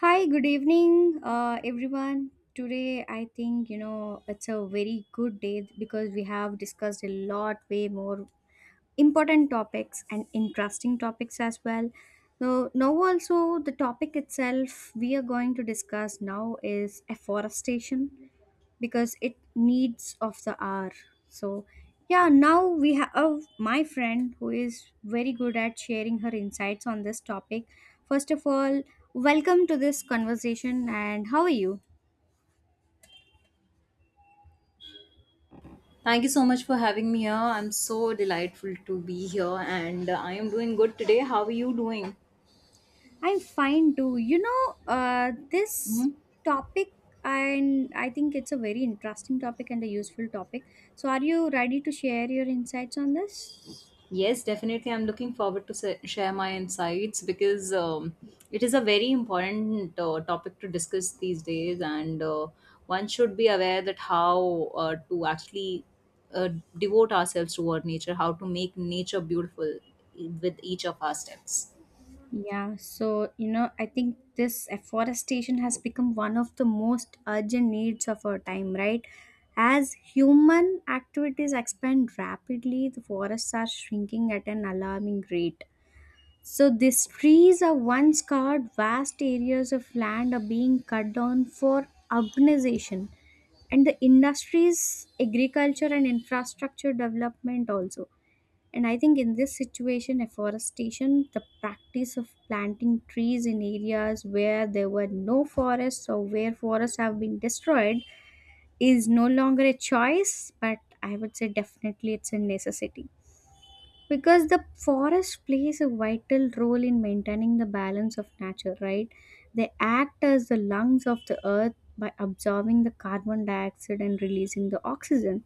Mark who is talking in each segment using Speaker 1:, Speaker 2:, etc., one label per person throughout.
Speaker 1: Hi, good evening, everyone. Today, I think you know it's a very good day because we have discussed a lot, way more important topics and interesting topics as well. So, now also the topic itself we are going to discuss now is afforestation because it needs of the hour so yeah, now we have my friend who is very good at sharing her insights on this topic. First of all, welcome to this conversation and how are you?
Speaker 2: Thank you so much for having me here. I'm so delightful to be here and I am doing good today. How are you doing?
Speaker 1: I'm fine too, you know, this
Speaker 2: Hmm.
Speaker 1: topic. And I think it's a very interesting topic and a useful topic, so are you ready to share your insights on this?
Speaker 2: Yes, definitely. I'm looking forward to share my insights because it is a very important topic to discuss these days and one should be aware that how to actually uh, devote ourselves toward nature, how to make nature beautiful with each of our steps.
Speaker 1: Yeah, so you know, I think this afforestation has become one of the most urgent needs of our time, right? As human activities expand rapidly, the forests are shrinking at an alarming rate. So these trees are once covered vast areas of land are being cut down for urbanization and the industries, agriculture and infrastructure development also. And I think in this situation, afforestation, the practice of planting trees in areas where there were no forests or where forests have been destroyed, is no longer a choice, but I would say definitely it's a necessity. Because the forest plays a vital role in maintaining the balance of nature, right? They act as the lungs of the earth by absorbing the carbon dioxide and releasing the oxygen,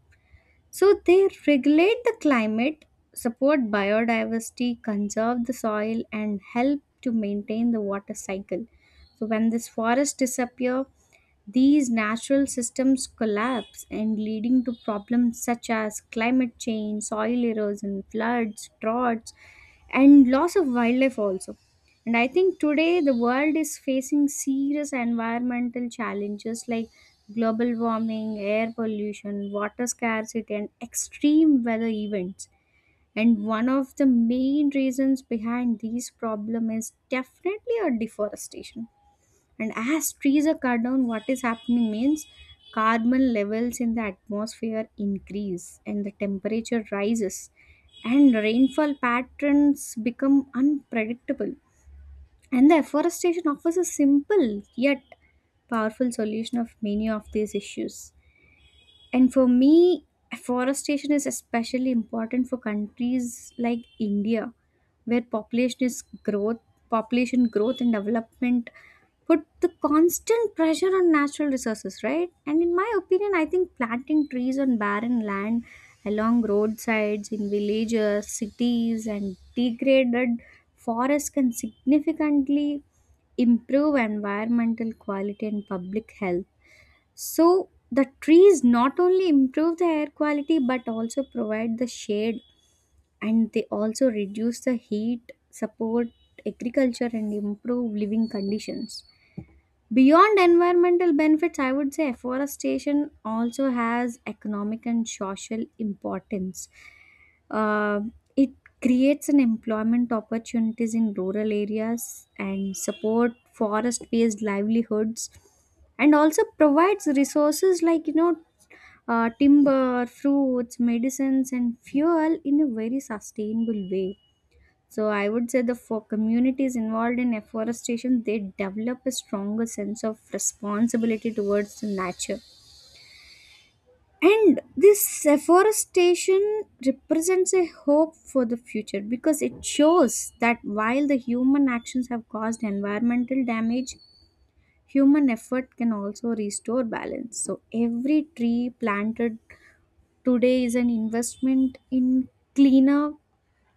Speaker 1: so they regulate the climate, support biodiversity, conserve the soil, and help to maintain the water cycle. So when this forest disappear, these natural systems collapse and leading to problems such as climate change, soil erosion, floods, droughts, and loss of wildlife also. And I think today the world is facing serious environmental challenges like global warming, air pollution, water scarcity, and extreme weather events. And one of the main reasons behind these problems is definitely a deforestation. And as trees are cut down, what is happening means carbon levels in the atmosphere increase and the temperature rises and rainfall patterns become unpredictable, and the afforestation offers a simple yet powerful solution of many of these issues. And for me, forestation is especially important for countries like India, where population growth and development put the constant pressure on natural resources, right? And in my opinion, I think planting trees on barren land along roadsides in villages, cities, and degraded forests can significantly improve environmental quality and public health, so the trees not only improve the air quality but also provide the shade and they also reduce the heat, support agriculture and improve living conditions. Beyond environmental benefits, I would say afforestation also has economic and social importance. Uh, it creates an employment opportunities in rural areas and support forest-based livelihoods, and also provides resources like timber, fruits, medicines, and fuel in a very sustainable way, so I would say the for communities involved in afforestation, they develop a stronger sense of responsibility towards the nature. And this afforestation represents a hope for the future because it shows that while the human actions have caused environmental damage, human effort can also restore balance. So every tree planted today is an investment in cleaner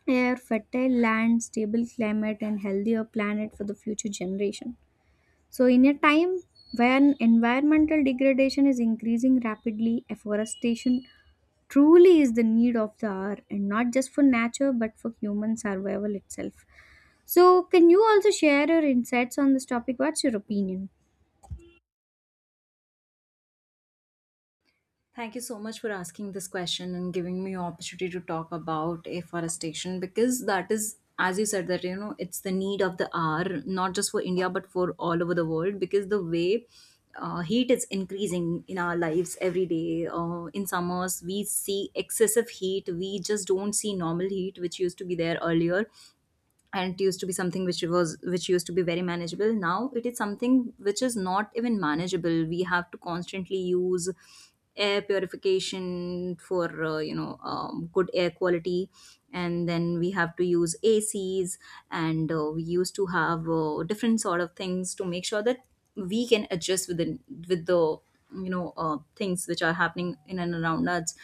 Speaker 1: air, fertile land, stable climate, and healthier planet for the future generation. So, in a time when environmental degradation is increasing rapidly, afforestation truly is the need of the hour, and not just for nature but for human survival itself. So, can you also share your insights on this topic? What's your opinion?
Speaker 2: Thank you so much for asking this question and giving me opportunity to talk about afforestation because that is, as you said, that you know it's the need of the hour, not just for India but for all over the world, because the way heat is increasing in our lives every day. In summers, we see excessive heat. We just don't see normal heat, which used to be there earlier, and it used to be something which was which used to be very manageable. Now it is something which is not even manageable. We have to constantly use air purification for you know, good air quality, and then we have to use ACs, and we used to have different sort of things to make sure that we can adjust with the you know, things which are happening in and around us.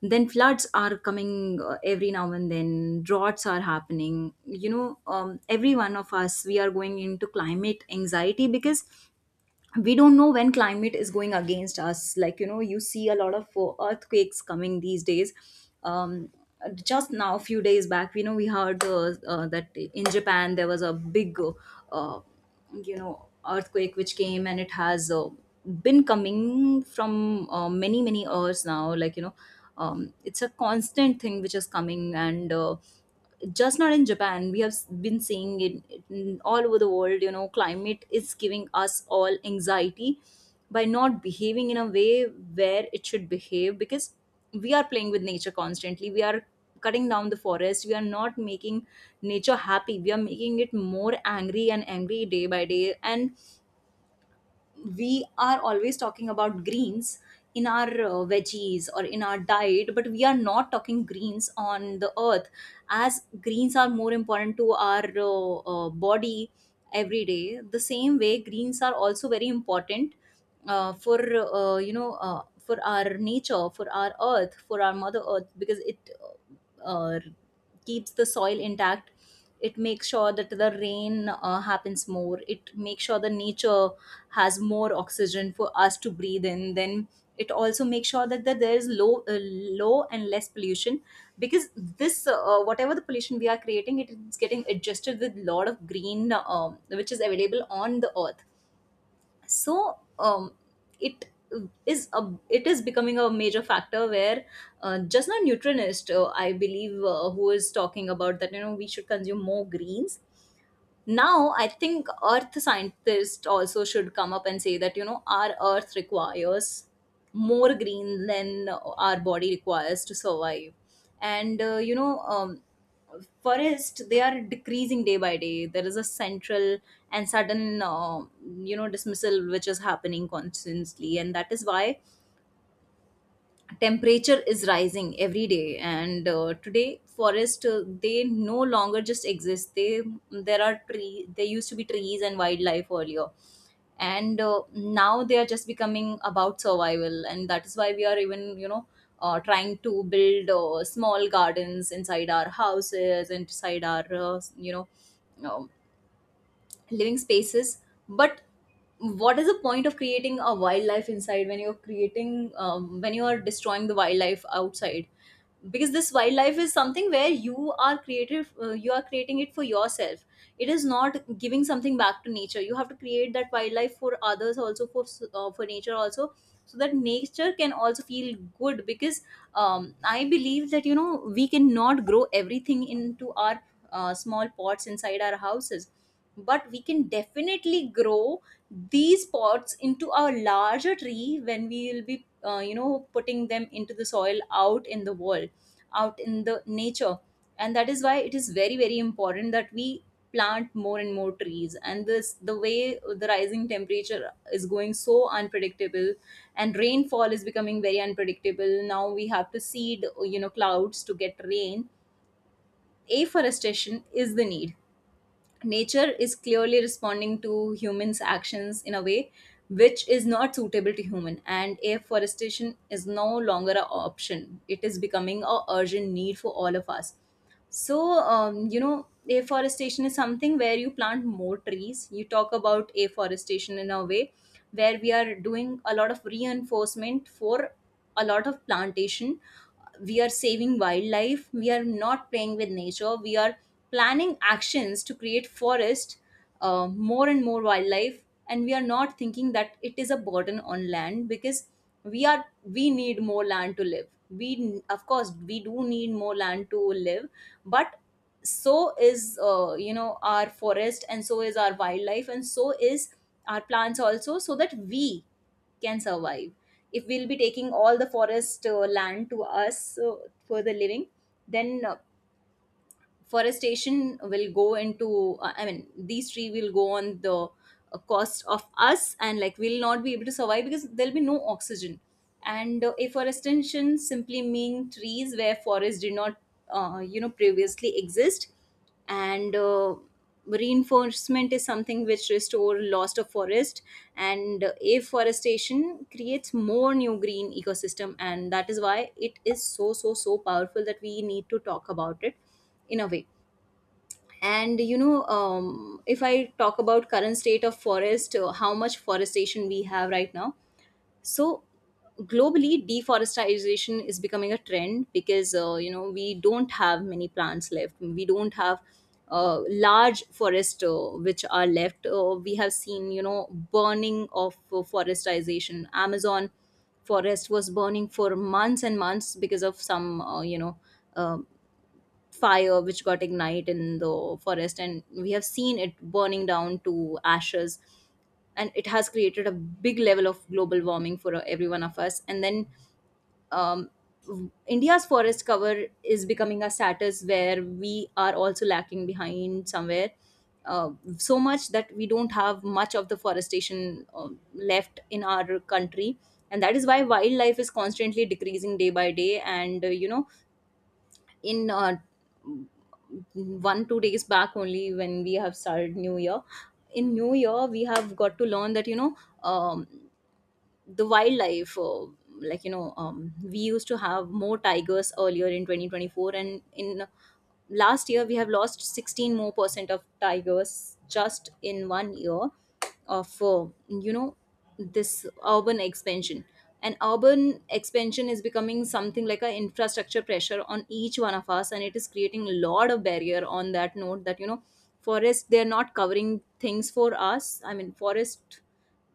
Speaker 2: Then floods are coming every now and then, droughts are happening, you know, every one of us, we are going into climate anxiety because we don't know when climate is going against us. Like, you know, you see a lot of earthquakes coming these days. um just now, a few days back, we know we heard that in Japan there was a big uh, you know, earthquake which came, and it has been coming from many many years now, like, you know, it's a constant thing which is coming. And just not in Japan, we have been seeing it all over the world. You know, climate is giving us all anxiety by not behaving in a way where it should behave, because we are playing with nature constantly. We are cutting down the forest. We are not making nature happy. We are making it more angry and angry day by day. And we are always talking about greens in our veggies or in our diet, but we are not talking greens on the earth. As greens are more important to our body every day, the same way greens are also very important for you know, for our nature, for our earth, for our mother earth, because it uh, uh, keeps the soil intact. It makes sure that the rain happens more. It makes sure the nature has more oxygen for us to breathe in. Then it also makes sure that, that there is low low and less pollution, because this whatever the pollution we are creating, it is getting adjusted with lot of green, which is available on the earth. So, it is a, it is becoming a major factor where just now nutritionist, I believe, who is talking about that, you know, we should consume more greens. Now I think earth scientists also should come up and say that, you know, our earth requires more green than our body requires to survive. And you know, forest, they are decreasing day by day. There is a central and sudden you know, dismissal which is happening constantly, and that is why temperature is rising every day. And today forest, they no longer just exist. They there used to be trees and wildlife earlier, and now they are just becoming about survival. And that is why we are even, you know, trying to build small gardens inside our houses, inside our you know, um, living spaces. But what is the point of creating a wildlife inside when you're creating, when you are destroying the wildlife outside? Because this wildlife is something where you are creative you are creating it for yourself. It is not giving something back to nature. You have to create that wildlife for others also, for for nature also, so that nature can also feel good. Because, I believe that, you know, we cannot grow everything into our small pots inside our houses, but we can definitely grow these pots into a larger tree when we will be, you know, putting them into the soil out in the world, out in the nature. And that is why it is very very important that we plant more and more trees. And this, the way the rising temperature is going so unpredictable, and rainfall is becoming very unpredictable, now we have to seed, you know, clouds to get rain. Afforestation is the need. Nature is clearly responding to humans actions in a way which is not suitable to human, and afforestation is no longer an option. It is becoming a urgent need for all of us. So, you know, afforestation is something where you plant more trees. You talk about afforestation in a way where we are doing a lot of reinforcement for a lot of plantation. We are saving wildlife. We are not playing with nature. We are planning actions to create forest, more and more wildlife. And we are not thinking that it is a burden on land, because we are we need more land to live. We, of course we do need more land to live, but so is you know, our forest, and so is our wildlife, and so is our plants also, so that we can survive. If we'll be taking all the forest land to us for the living, then forestation will go into, I mean, these three will go on the cost of us, and like, we'll not be able to survive because there'll be no oxygen. And afforestation simply mean trees where forests did not, you know, previously exist. And reinforcement is something which restore lost of forest. And afforestation creates more new green ecosystem, and that is why it is so so so powerful that we need to talk about it in a way. And you know, if I talk about current state of forest, how much forestation we have right now. So globally, deforestation is becoming a trend, because you know, we don't have many plants left. We don't have large forest which are left. Uh, we have seen, you know, burning of forestation. Amazon forest was burning for months and months because of some, you know, uh, fire which got ignited in the forest, and we have seen it burning down to ashes. And it has created a big level of global warming for every one of us. And then, um, India's forest cover is becoming a status where we are also lacking behind somewhere, uh, so much that we don't have much of the forestation left in our country. And that is why wildlife is constantly decreasing day by day. And you know, in one two days back only, when we have started new year, in new year we have got to learn that, you know, um, the wildlife, like, you know, we used to have more tigers earlier in 2024, and in last year we have lost 16% more of tigers just in one year of, you know, this urban expansion. And urban expansion is becoming something like a infrastructure pressure on each one of us, and it is creating a lot of barrier on that note, that, you know, forest, they're not covering things for us. I mean, forest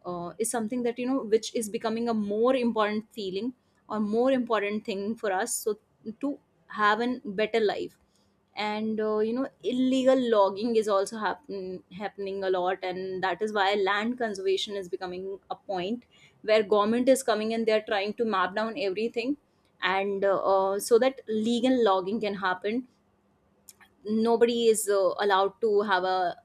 Speaker 2: is something that, you know, which is becoming a more important feeling or more important thing for us, so to have a better life. And you know, illegal logging is also happening a lot, and that is why land conservation is becoming a point where government is coming and they are trying to map down everything, and so that legal logging can happen. Nobody is allowed to have a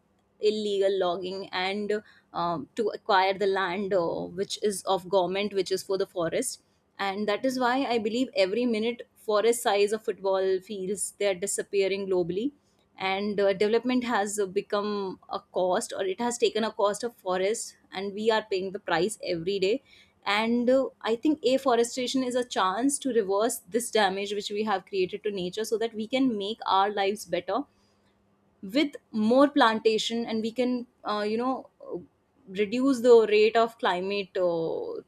Speaker 2: illegal logging, and, to acquire the land which is of government, which is for the forest. And that is why I believe every minute forest size of football fields, they are disappearing globally. And development has become a cost, or it has taken a cost of forest, and we are paying the price every day. And I think afforestation is a chance to reverse this damage which we have created to nature, so that we can make our lives better with more plantation, and we can, you know, reduce the rate of climate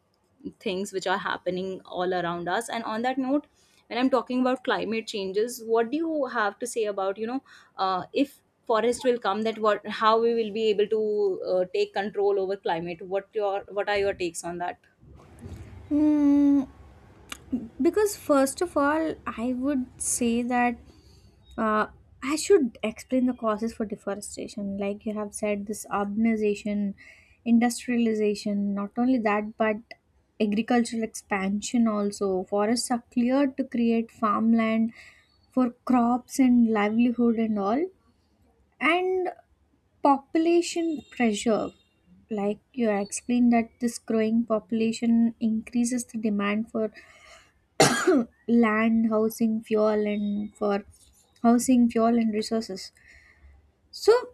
Speaker 2: things which are happening all around us. And on that note, when I'm talking about climate changes, what do you have to say about if forest will come, that what how we will be able to take control over climate? What are your takes on that?
Speaker 1: Hmm, because first of all, I would say that Uh, I should explain the causes for deforestation. Like you have said, this urbanization, industrialization, not only that, but agricultural expansion also. Forests are cleared to create farmland for crops and livelihood and all. And population pressure. Like you explained, that this growing population increases the demand for land, housing, fuel, and for housing, fuel, and resources. So,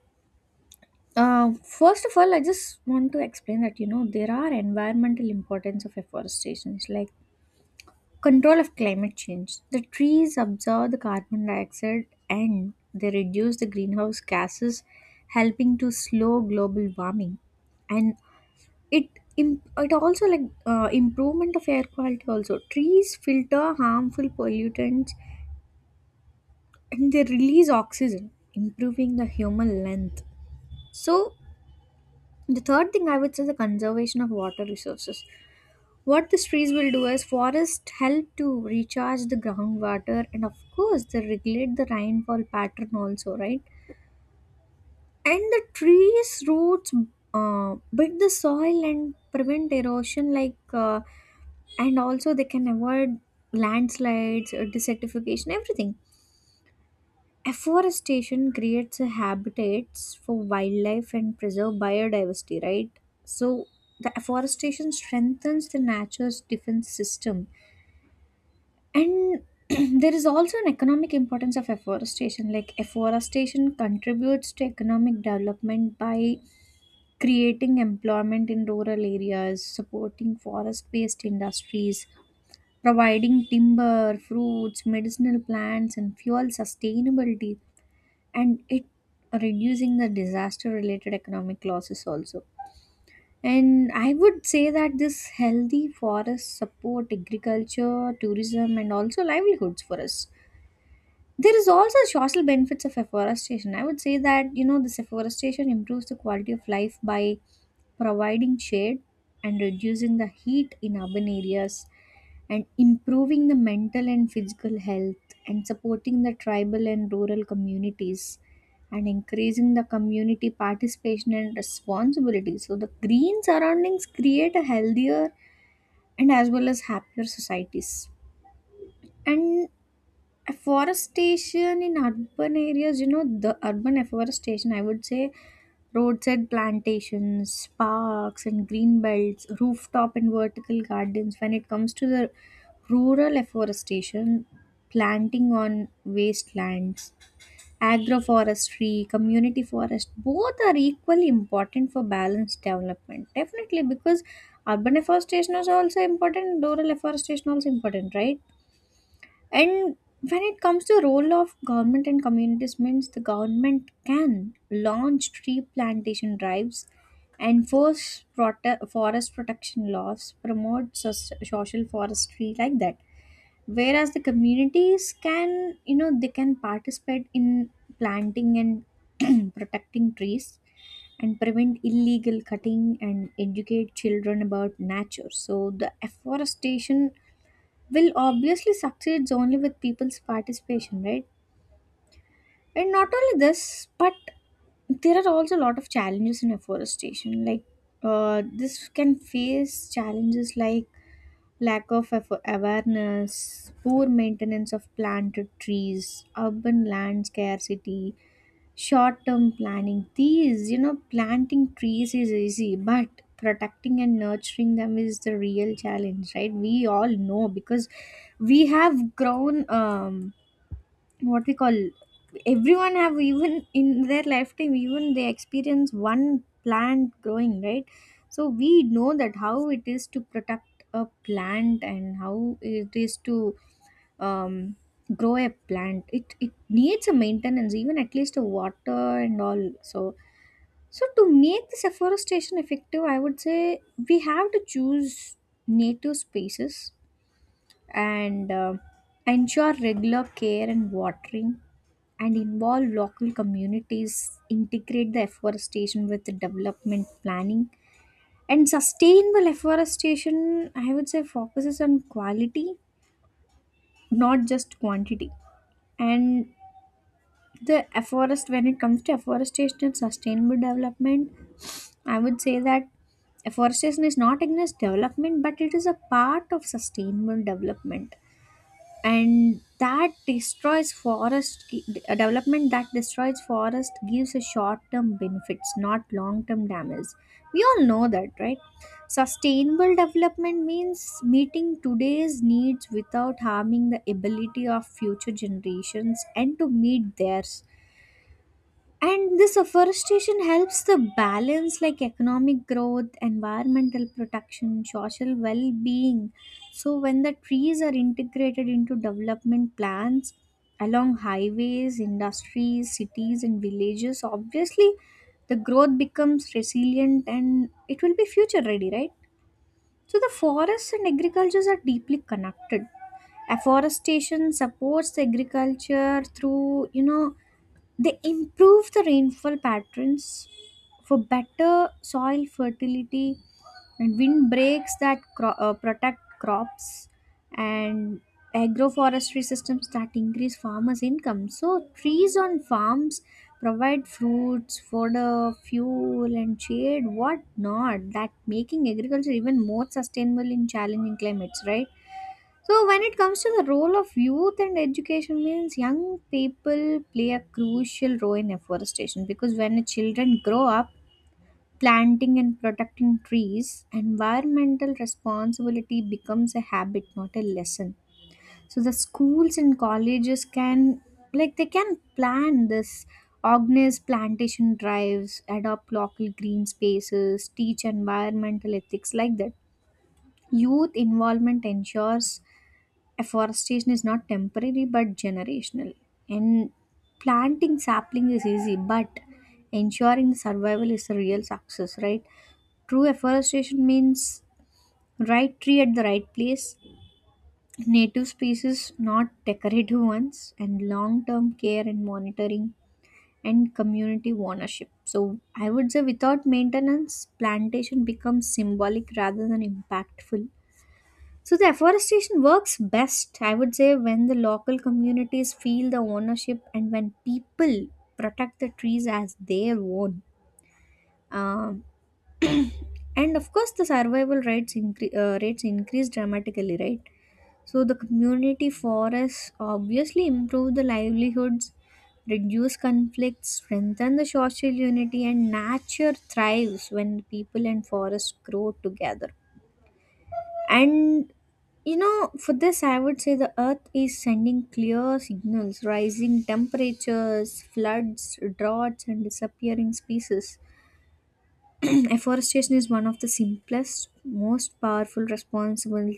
Speaker 1: first of all, I just want to explain that you know there are environmental importance of afforestation, like control of climate change. The trees absorb the carbon dioxide and they reduce the greenhouse gases, helping to slow global warming, and it it also like improvement of air quality. Also, trees filter harmful pollutants and they release oxygen, improving the human length. So the third thing I would say is the conservation of water resources. What these trees will do is forests help to recharge the groundwater and of course they regulate the rainfall pattern also, right? And the trees roots bit the soil and prevent erosion, like and also they can avoid landslides, desertification, everything. Afforestation creates a habitats for wildlife and preserve biodiversity, right? So the afforestation strengthens the nature's defense system. And there is also an economic importance of afforestation. Like afforestation contributes to economic development by creating employment in rural areas, supporting forest-based industries, providing timber, fruits, medicinal plants, and fuel sustainability, and it reducing the disaster related economic losses also. And I would say that this healthy forest support agriculture tourism and also livelihoods for us. There is also social benefits of afforestation. I would say that you know this afforestation improves the quality of life by providing shade and reducing the heat in urban areas and improving the mental and physical health and supporting the tribal and rural communities and increasing the community participation and responsibility, so the green surroundings create a healthier and as well as happier societies. And afforestation in urban areas, you know, the urban afforestation, I would say, roadside plantations, parks and green belts, rooftop and vertical gardens. When it comes to the rural afforestation, planting on wastelands, agroforestry, community forest, both are equally important for balanced development. Definitely because urban afforestation is also important, rural afforestation also important, right? And when it comes to role of government and communities means the government can launch tree plantation drives, enforce prote- forest protection laws, promote sus- social forestry like that. Whereas the communities can, you know, they can participate in planting and protecting trees and prevent illegal cutting and educate children about nature. So the afforestation will obviously succeeds only with people's participation, right? And not only this, but there are also a lot of challenges in afforestation. Like this can face challenges like lack of affo- awareness, poor maintenance of planted trees, urban land scarcity, short term planning. These, you know, planting trees is easy, but protecting and nurturing them is the real challenge, right? We all know because we have grown. What we call everyone have even in their lifetime even they experience one plant growing right, so we know that how it is to protect a plant and how it is to um, grow a plant. It needs a maintenance even at least a water and all, so to make this afforestation effective I would say we have to choose native spaces and ensure regular care and watering and involve local communities, integrate the afforestation with the development planning, and sustainable afforestation I would say focuses on quality, not just quantity. And the afforest when it comes to afforestation and sustainable development, I would say that afforestation is not against development but it is a part of sustainable development. And that destroys forest gi- A development that destroys forest gives a short-term benefits not long-term damage, we all know that right? Sustainable development means meeting today's needs without harming the ability of future generations and to meet theirs, and this afforestation helps the balance like economic growth, environmental protection, social well-being. So when the trees are integrated into development plans along highways, industries, cities and villages, obviously the growth becomes resilient and it will be future ready, right? So the forests and agricultures are deeply connected. Afforestation supports the agriculture through, you know, they improve the rainfall patterns for better soil fertility, and wind breaks that protect crops, and agroforestry systems that increase farmers income. So trees on farms provide fruits, fodder, fuel and shade, what not, that making agriculture even more sustainable in challenging climates, right? So when it comes to the role of youth and education means young people play a crucial role in afforestation because when children grow up planting and protecting trees, environmental responsibility becomes a habit, not a lesson. So the schools and colleges can, like, they can plan this, organize plantation drives, adopt local green spaces, teach environmental ethics, like that. Youth involvement ensures afforestation is not temporary but generational. And planting sapling is easy, but ensuring survival is the real success, right? True afforestation means right tree at the right place, native species, not decorative ones, and long term care and monitoring and community ownership. So, I would say without maintenance, plantation becomes symbolic rather than impactful. So, the afforestation works best, I would say, when the local communities feel the ownership and when people protect the trees as their own. Um, and of course the rates increase dramatically, right? So the community forests obviously improve the livelihoods, reduce conflicts, strengthen the social unity, and nature thrives when people and forests grow together. And you know, for this I would say the earth is sending clear signals: rising temperatures, floods, droughts and disappearing species. Afforestation is one of the simplest, most powerful responsible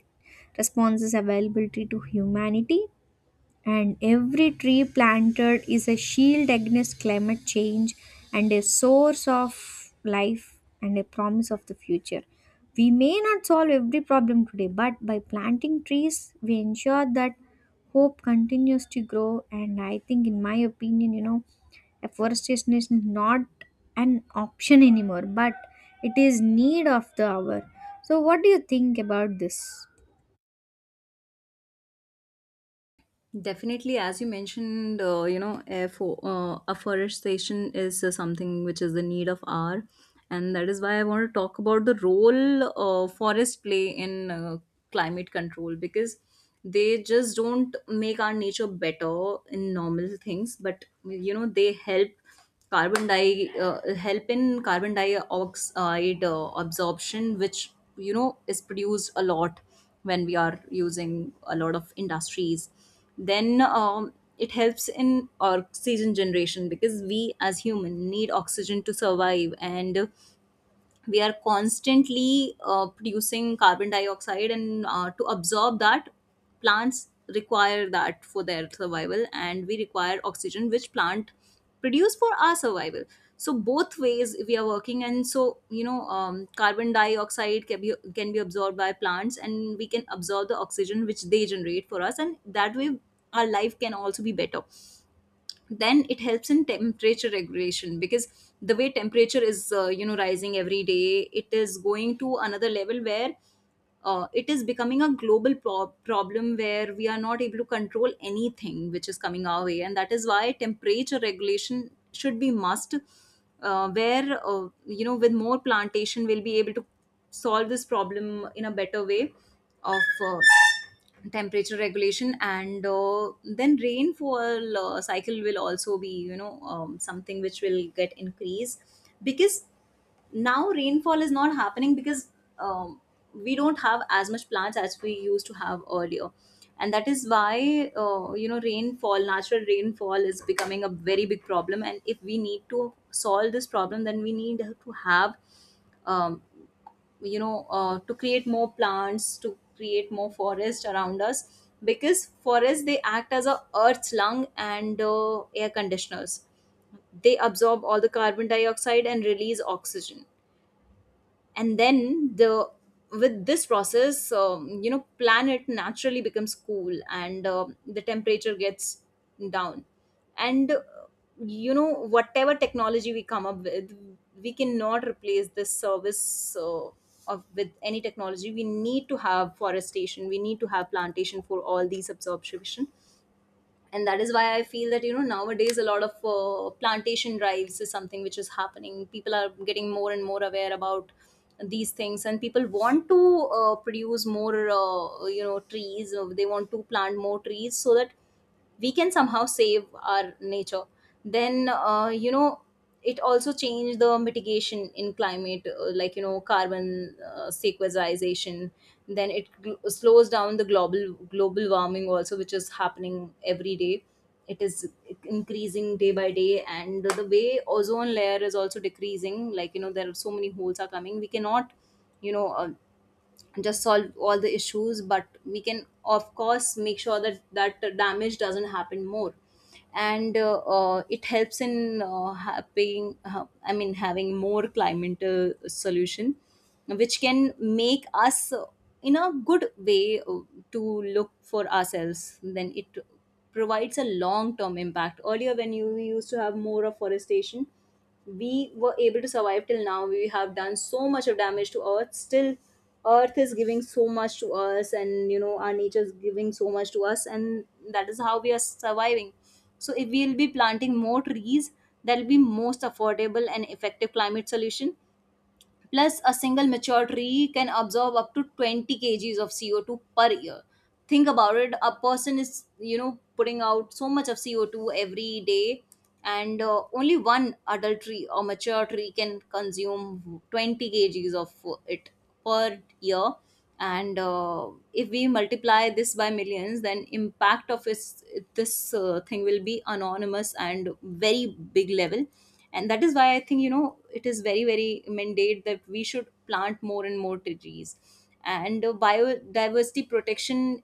Speaker 1: responses availability to humanity, and every tree planted is a shield against climate change and a source of life and a promise of the future. We may not solve every problem today, but by planting trees, we ensure that hope continues to grow. And I think, in my opinion, you know, afforestation is not an option anymore, but it is need of the hour. So, what do you think about this?
Speaker 2: Definitely, as you mentioned, afforestation is something which is the need of our, and that is why I want to talk about the role forest play in climate control because they just don't make our nature better in normal things, but they help carbon di help in carbon dioxide absorption, which is produced a lot when we are using a lot of industries. Then it helps in oxygen generation because we as human need oxygen to survive, and we are constantly producing carbon dioxide, and to absorb that, plants require that for their survival, and we require oxygen which plant produce for our survival. So both ways we are working, and so carbon dioxide can be absorbed by plants, and we can absorb the oxygen which they generate for us, and that way our life can also be better. Then it helps in temperature regulation, because the way temperature is rising every day, it is going to another level, where it is becoming a problem where we are not able to control anything which is coming our way, and that is why temperature regulation should be must. Where with more plantation we'll be able to solve this problem in a better way of uh, temperature regulation. And then rainfall cycle will also be, something which will get increased, because now rainfall is not happening because um, we don't have as much plants as we used to have earlier. And that is why rainfall, natural rainfall, is becoming a very big problem, and if we need to solve this problem then we need to have, um, to create more plants, to create more forest around us. Because forests, they act as a earth's lung and air conditioners. They absorb all the carbon dioxide and release oxygen, and then the with this process planet naturally becomes cool, and the temperature gets down. And you know whatever technology we come up with, we cannot replace this service of with any technology. We need to have forestation, we need to have plantation for all these absorption. And that is why I feel that, nowadays a lot of plantation drives is something which is happening. People are getting more and more aware about these things, and people want to produce more, trees. They want to plant more trees so that we can somehow save our nature. Then it also changed the mitigation in climate, carbon sequestration. Then it slows down the global warming also, which is happening every day. It is increasing day by day. And the way ozone layer is also decreasing, there are so many holes are coming. We cannot you know uh, just solve all the issues, but we can of course make sure that that damage doesn't happen more. And it helps in having, I mean, having more climate solution which can make us, in a good way, to look for ourselves. Then it provides a long term impact. Earlier, when you used to have more afforestation, we were able to survive. Till now we have done so much of damage to earth, still earth is giving so much to us, and our nature is giving so much to us, and that is how we are surviving. So if we will be planting more trees, that will be most affordable and effective climate solution. Plus, a single mature tree can absorb up to 20 kgs of CO2 per year. Think about it, a person is, putting out so much of CO2 every day, and only one adult tree or mature tree can consume 20 kgs of it per year. And if we multiply this by millions, then impact this thing will be anonymous and very big level. And that is why I think, it is very very mandate that we should plant more and more trees. And biodiversity protection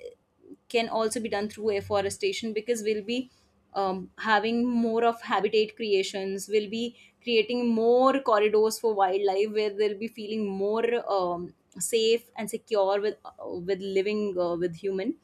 Speaker 2: can also be done through afforestation, because we'll be, having more of habitat creations. We'll be creating more corridors for wildlife, where they'll be feeling more, um, safe and secure with, with living with human.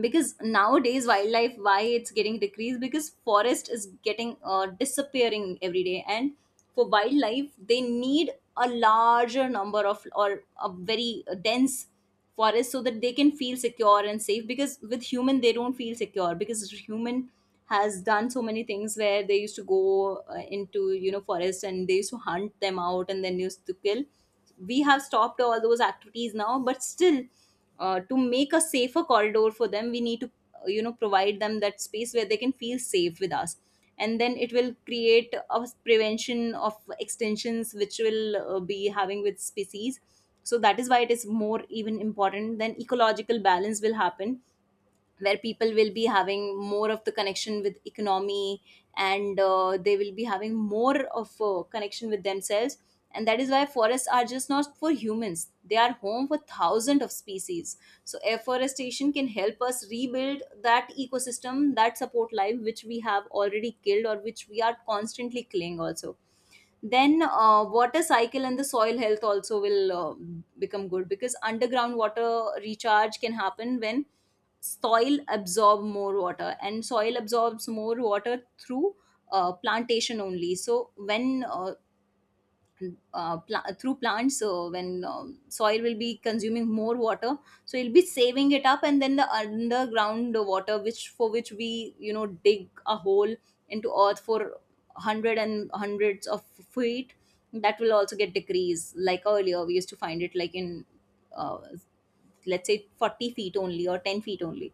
Speaker 2: Because nowadays wildlife why it's getting decreased, because forest is getting disappearing every day, and for wildlife they need a larger number of, or a very dense forest, so that they can feel secure and safe. Because with human they don't feel secure, because human has done so many things, where they used to go into, forest, and they used to hunt them out and then used to kill. We have stopped all those activities now, but still to make a safer corridor for them, we need to provide them that space where they can feel safe with us. And then it will create a prevention of extensions which will be having with species. So that is why it is more even important. Then ecological balance will happen, where people will be having more of the connection with economy, and they will be having more of a connection with themselves. And that is why forests are just not for humans, they are home for thousands of species. So afforestation can help us rebuild that ecosystem that support life, which we have already killed, or which we are constantly killing also. Then water cycle and the soil health also will become good, because underground water recharge can happen when soil absorb more water, and soil absorbs more water through plantation only. So when through plants, so when soil will be consuming more water, so it'll be saving it up. And then the underground water, which for which we dig a hole into earth for hundred and hundreds of feet, that will also get decreased. Like earlier we used to find it, like in uh, let's say 40 feet only, or 10 feet only.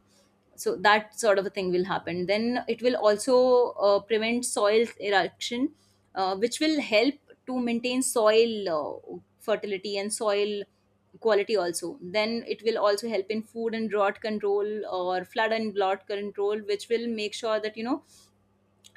Speaker 2: So that sort of a thing will happen. Then it will also prevent soil erosion, which will help to maintain soil fertility and soil quality also. Then it will also help in food and drought control, or flood and drought control, which will make sure that,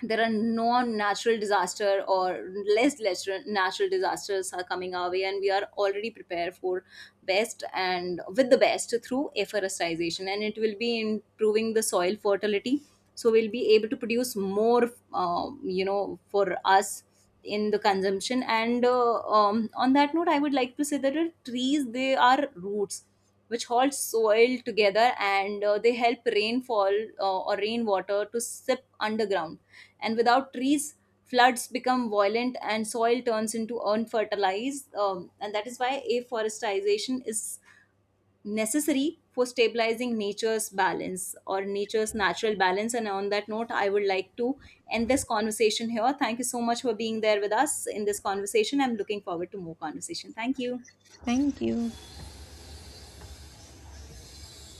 Speaker 2: there are non-natural disaster or lesser natural disasters are coming our way, and we are already prepared for best and with the best through afforestation. And it will be improving the soil fertility, so we'll be able to produce more, for us in the consumption. And on that note, I would like to say that the trees, they are roots which hold soil together, and they help rainfall, or rainwater, to sip underground. And without trees, floods become violent and soil turns into unfertilized. And that is why afforestation is necessary for stabilizing nature's balance, or nature's natural balance. And on that note, I would like to end this conversation here. Thank you so much for being there with us in this conversation. I'm looking forward to more conversation. Thank you.
Speaker 1: Thank you.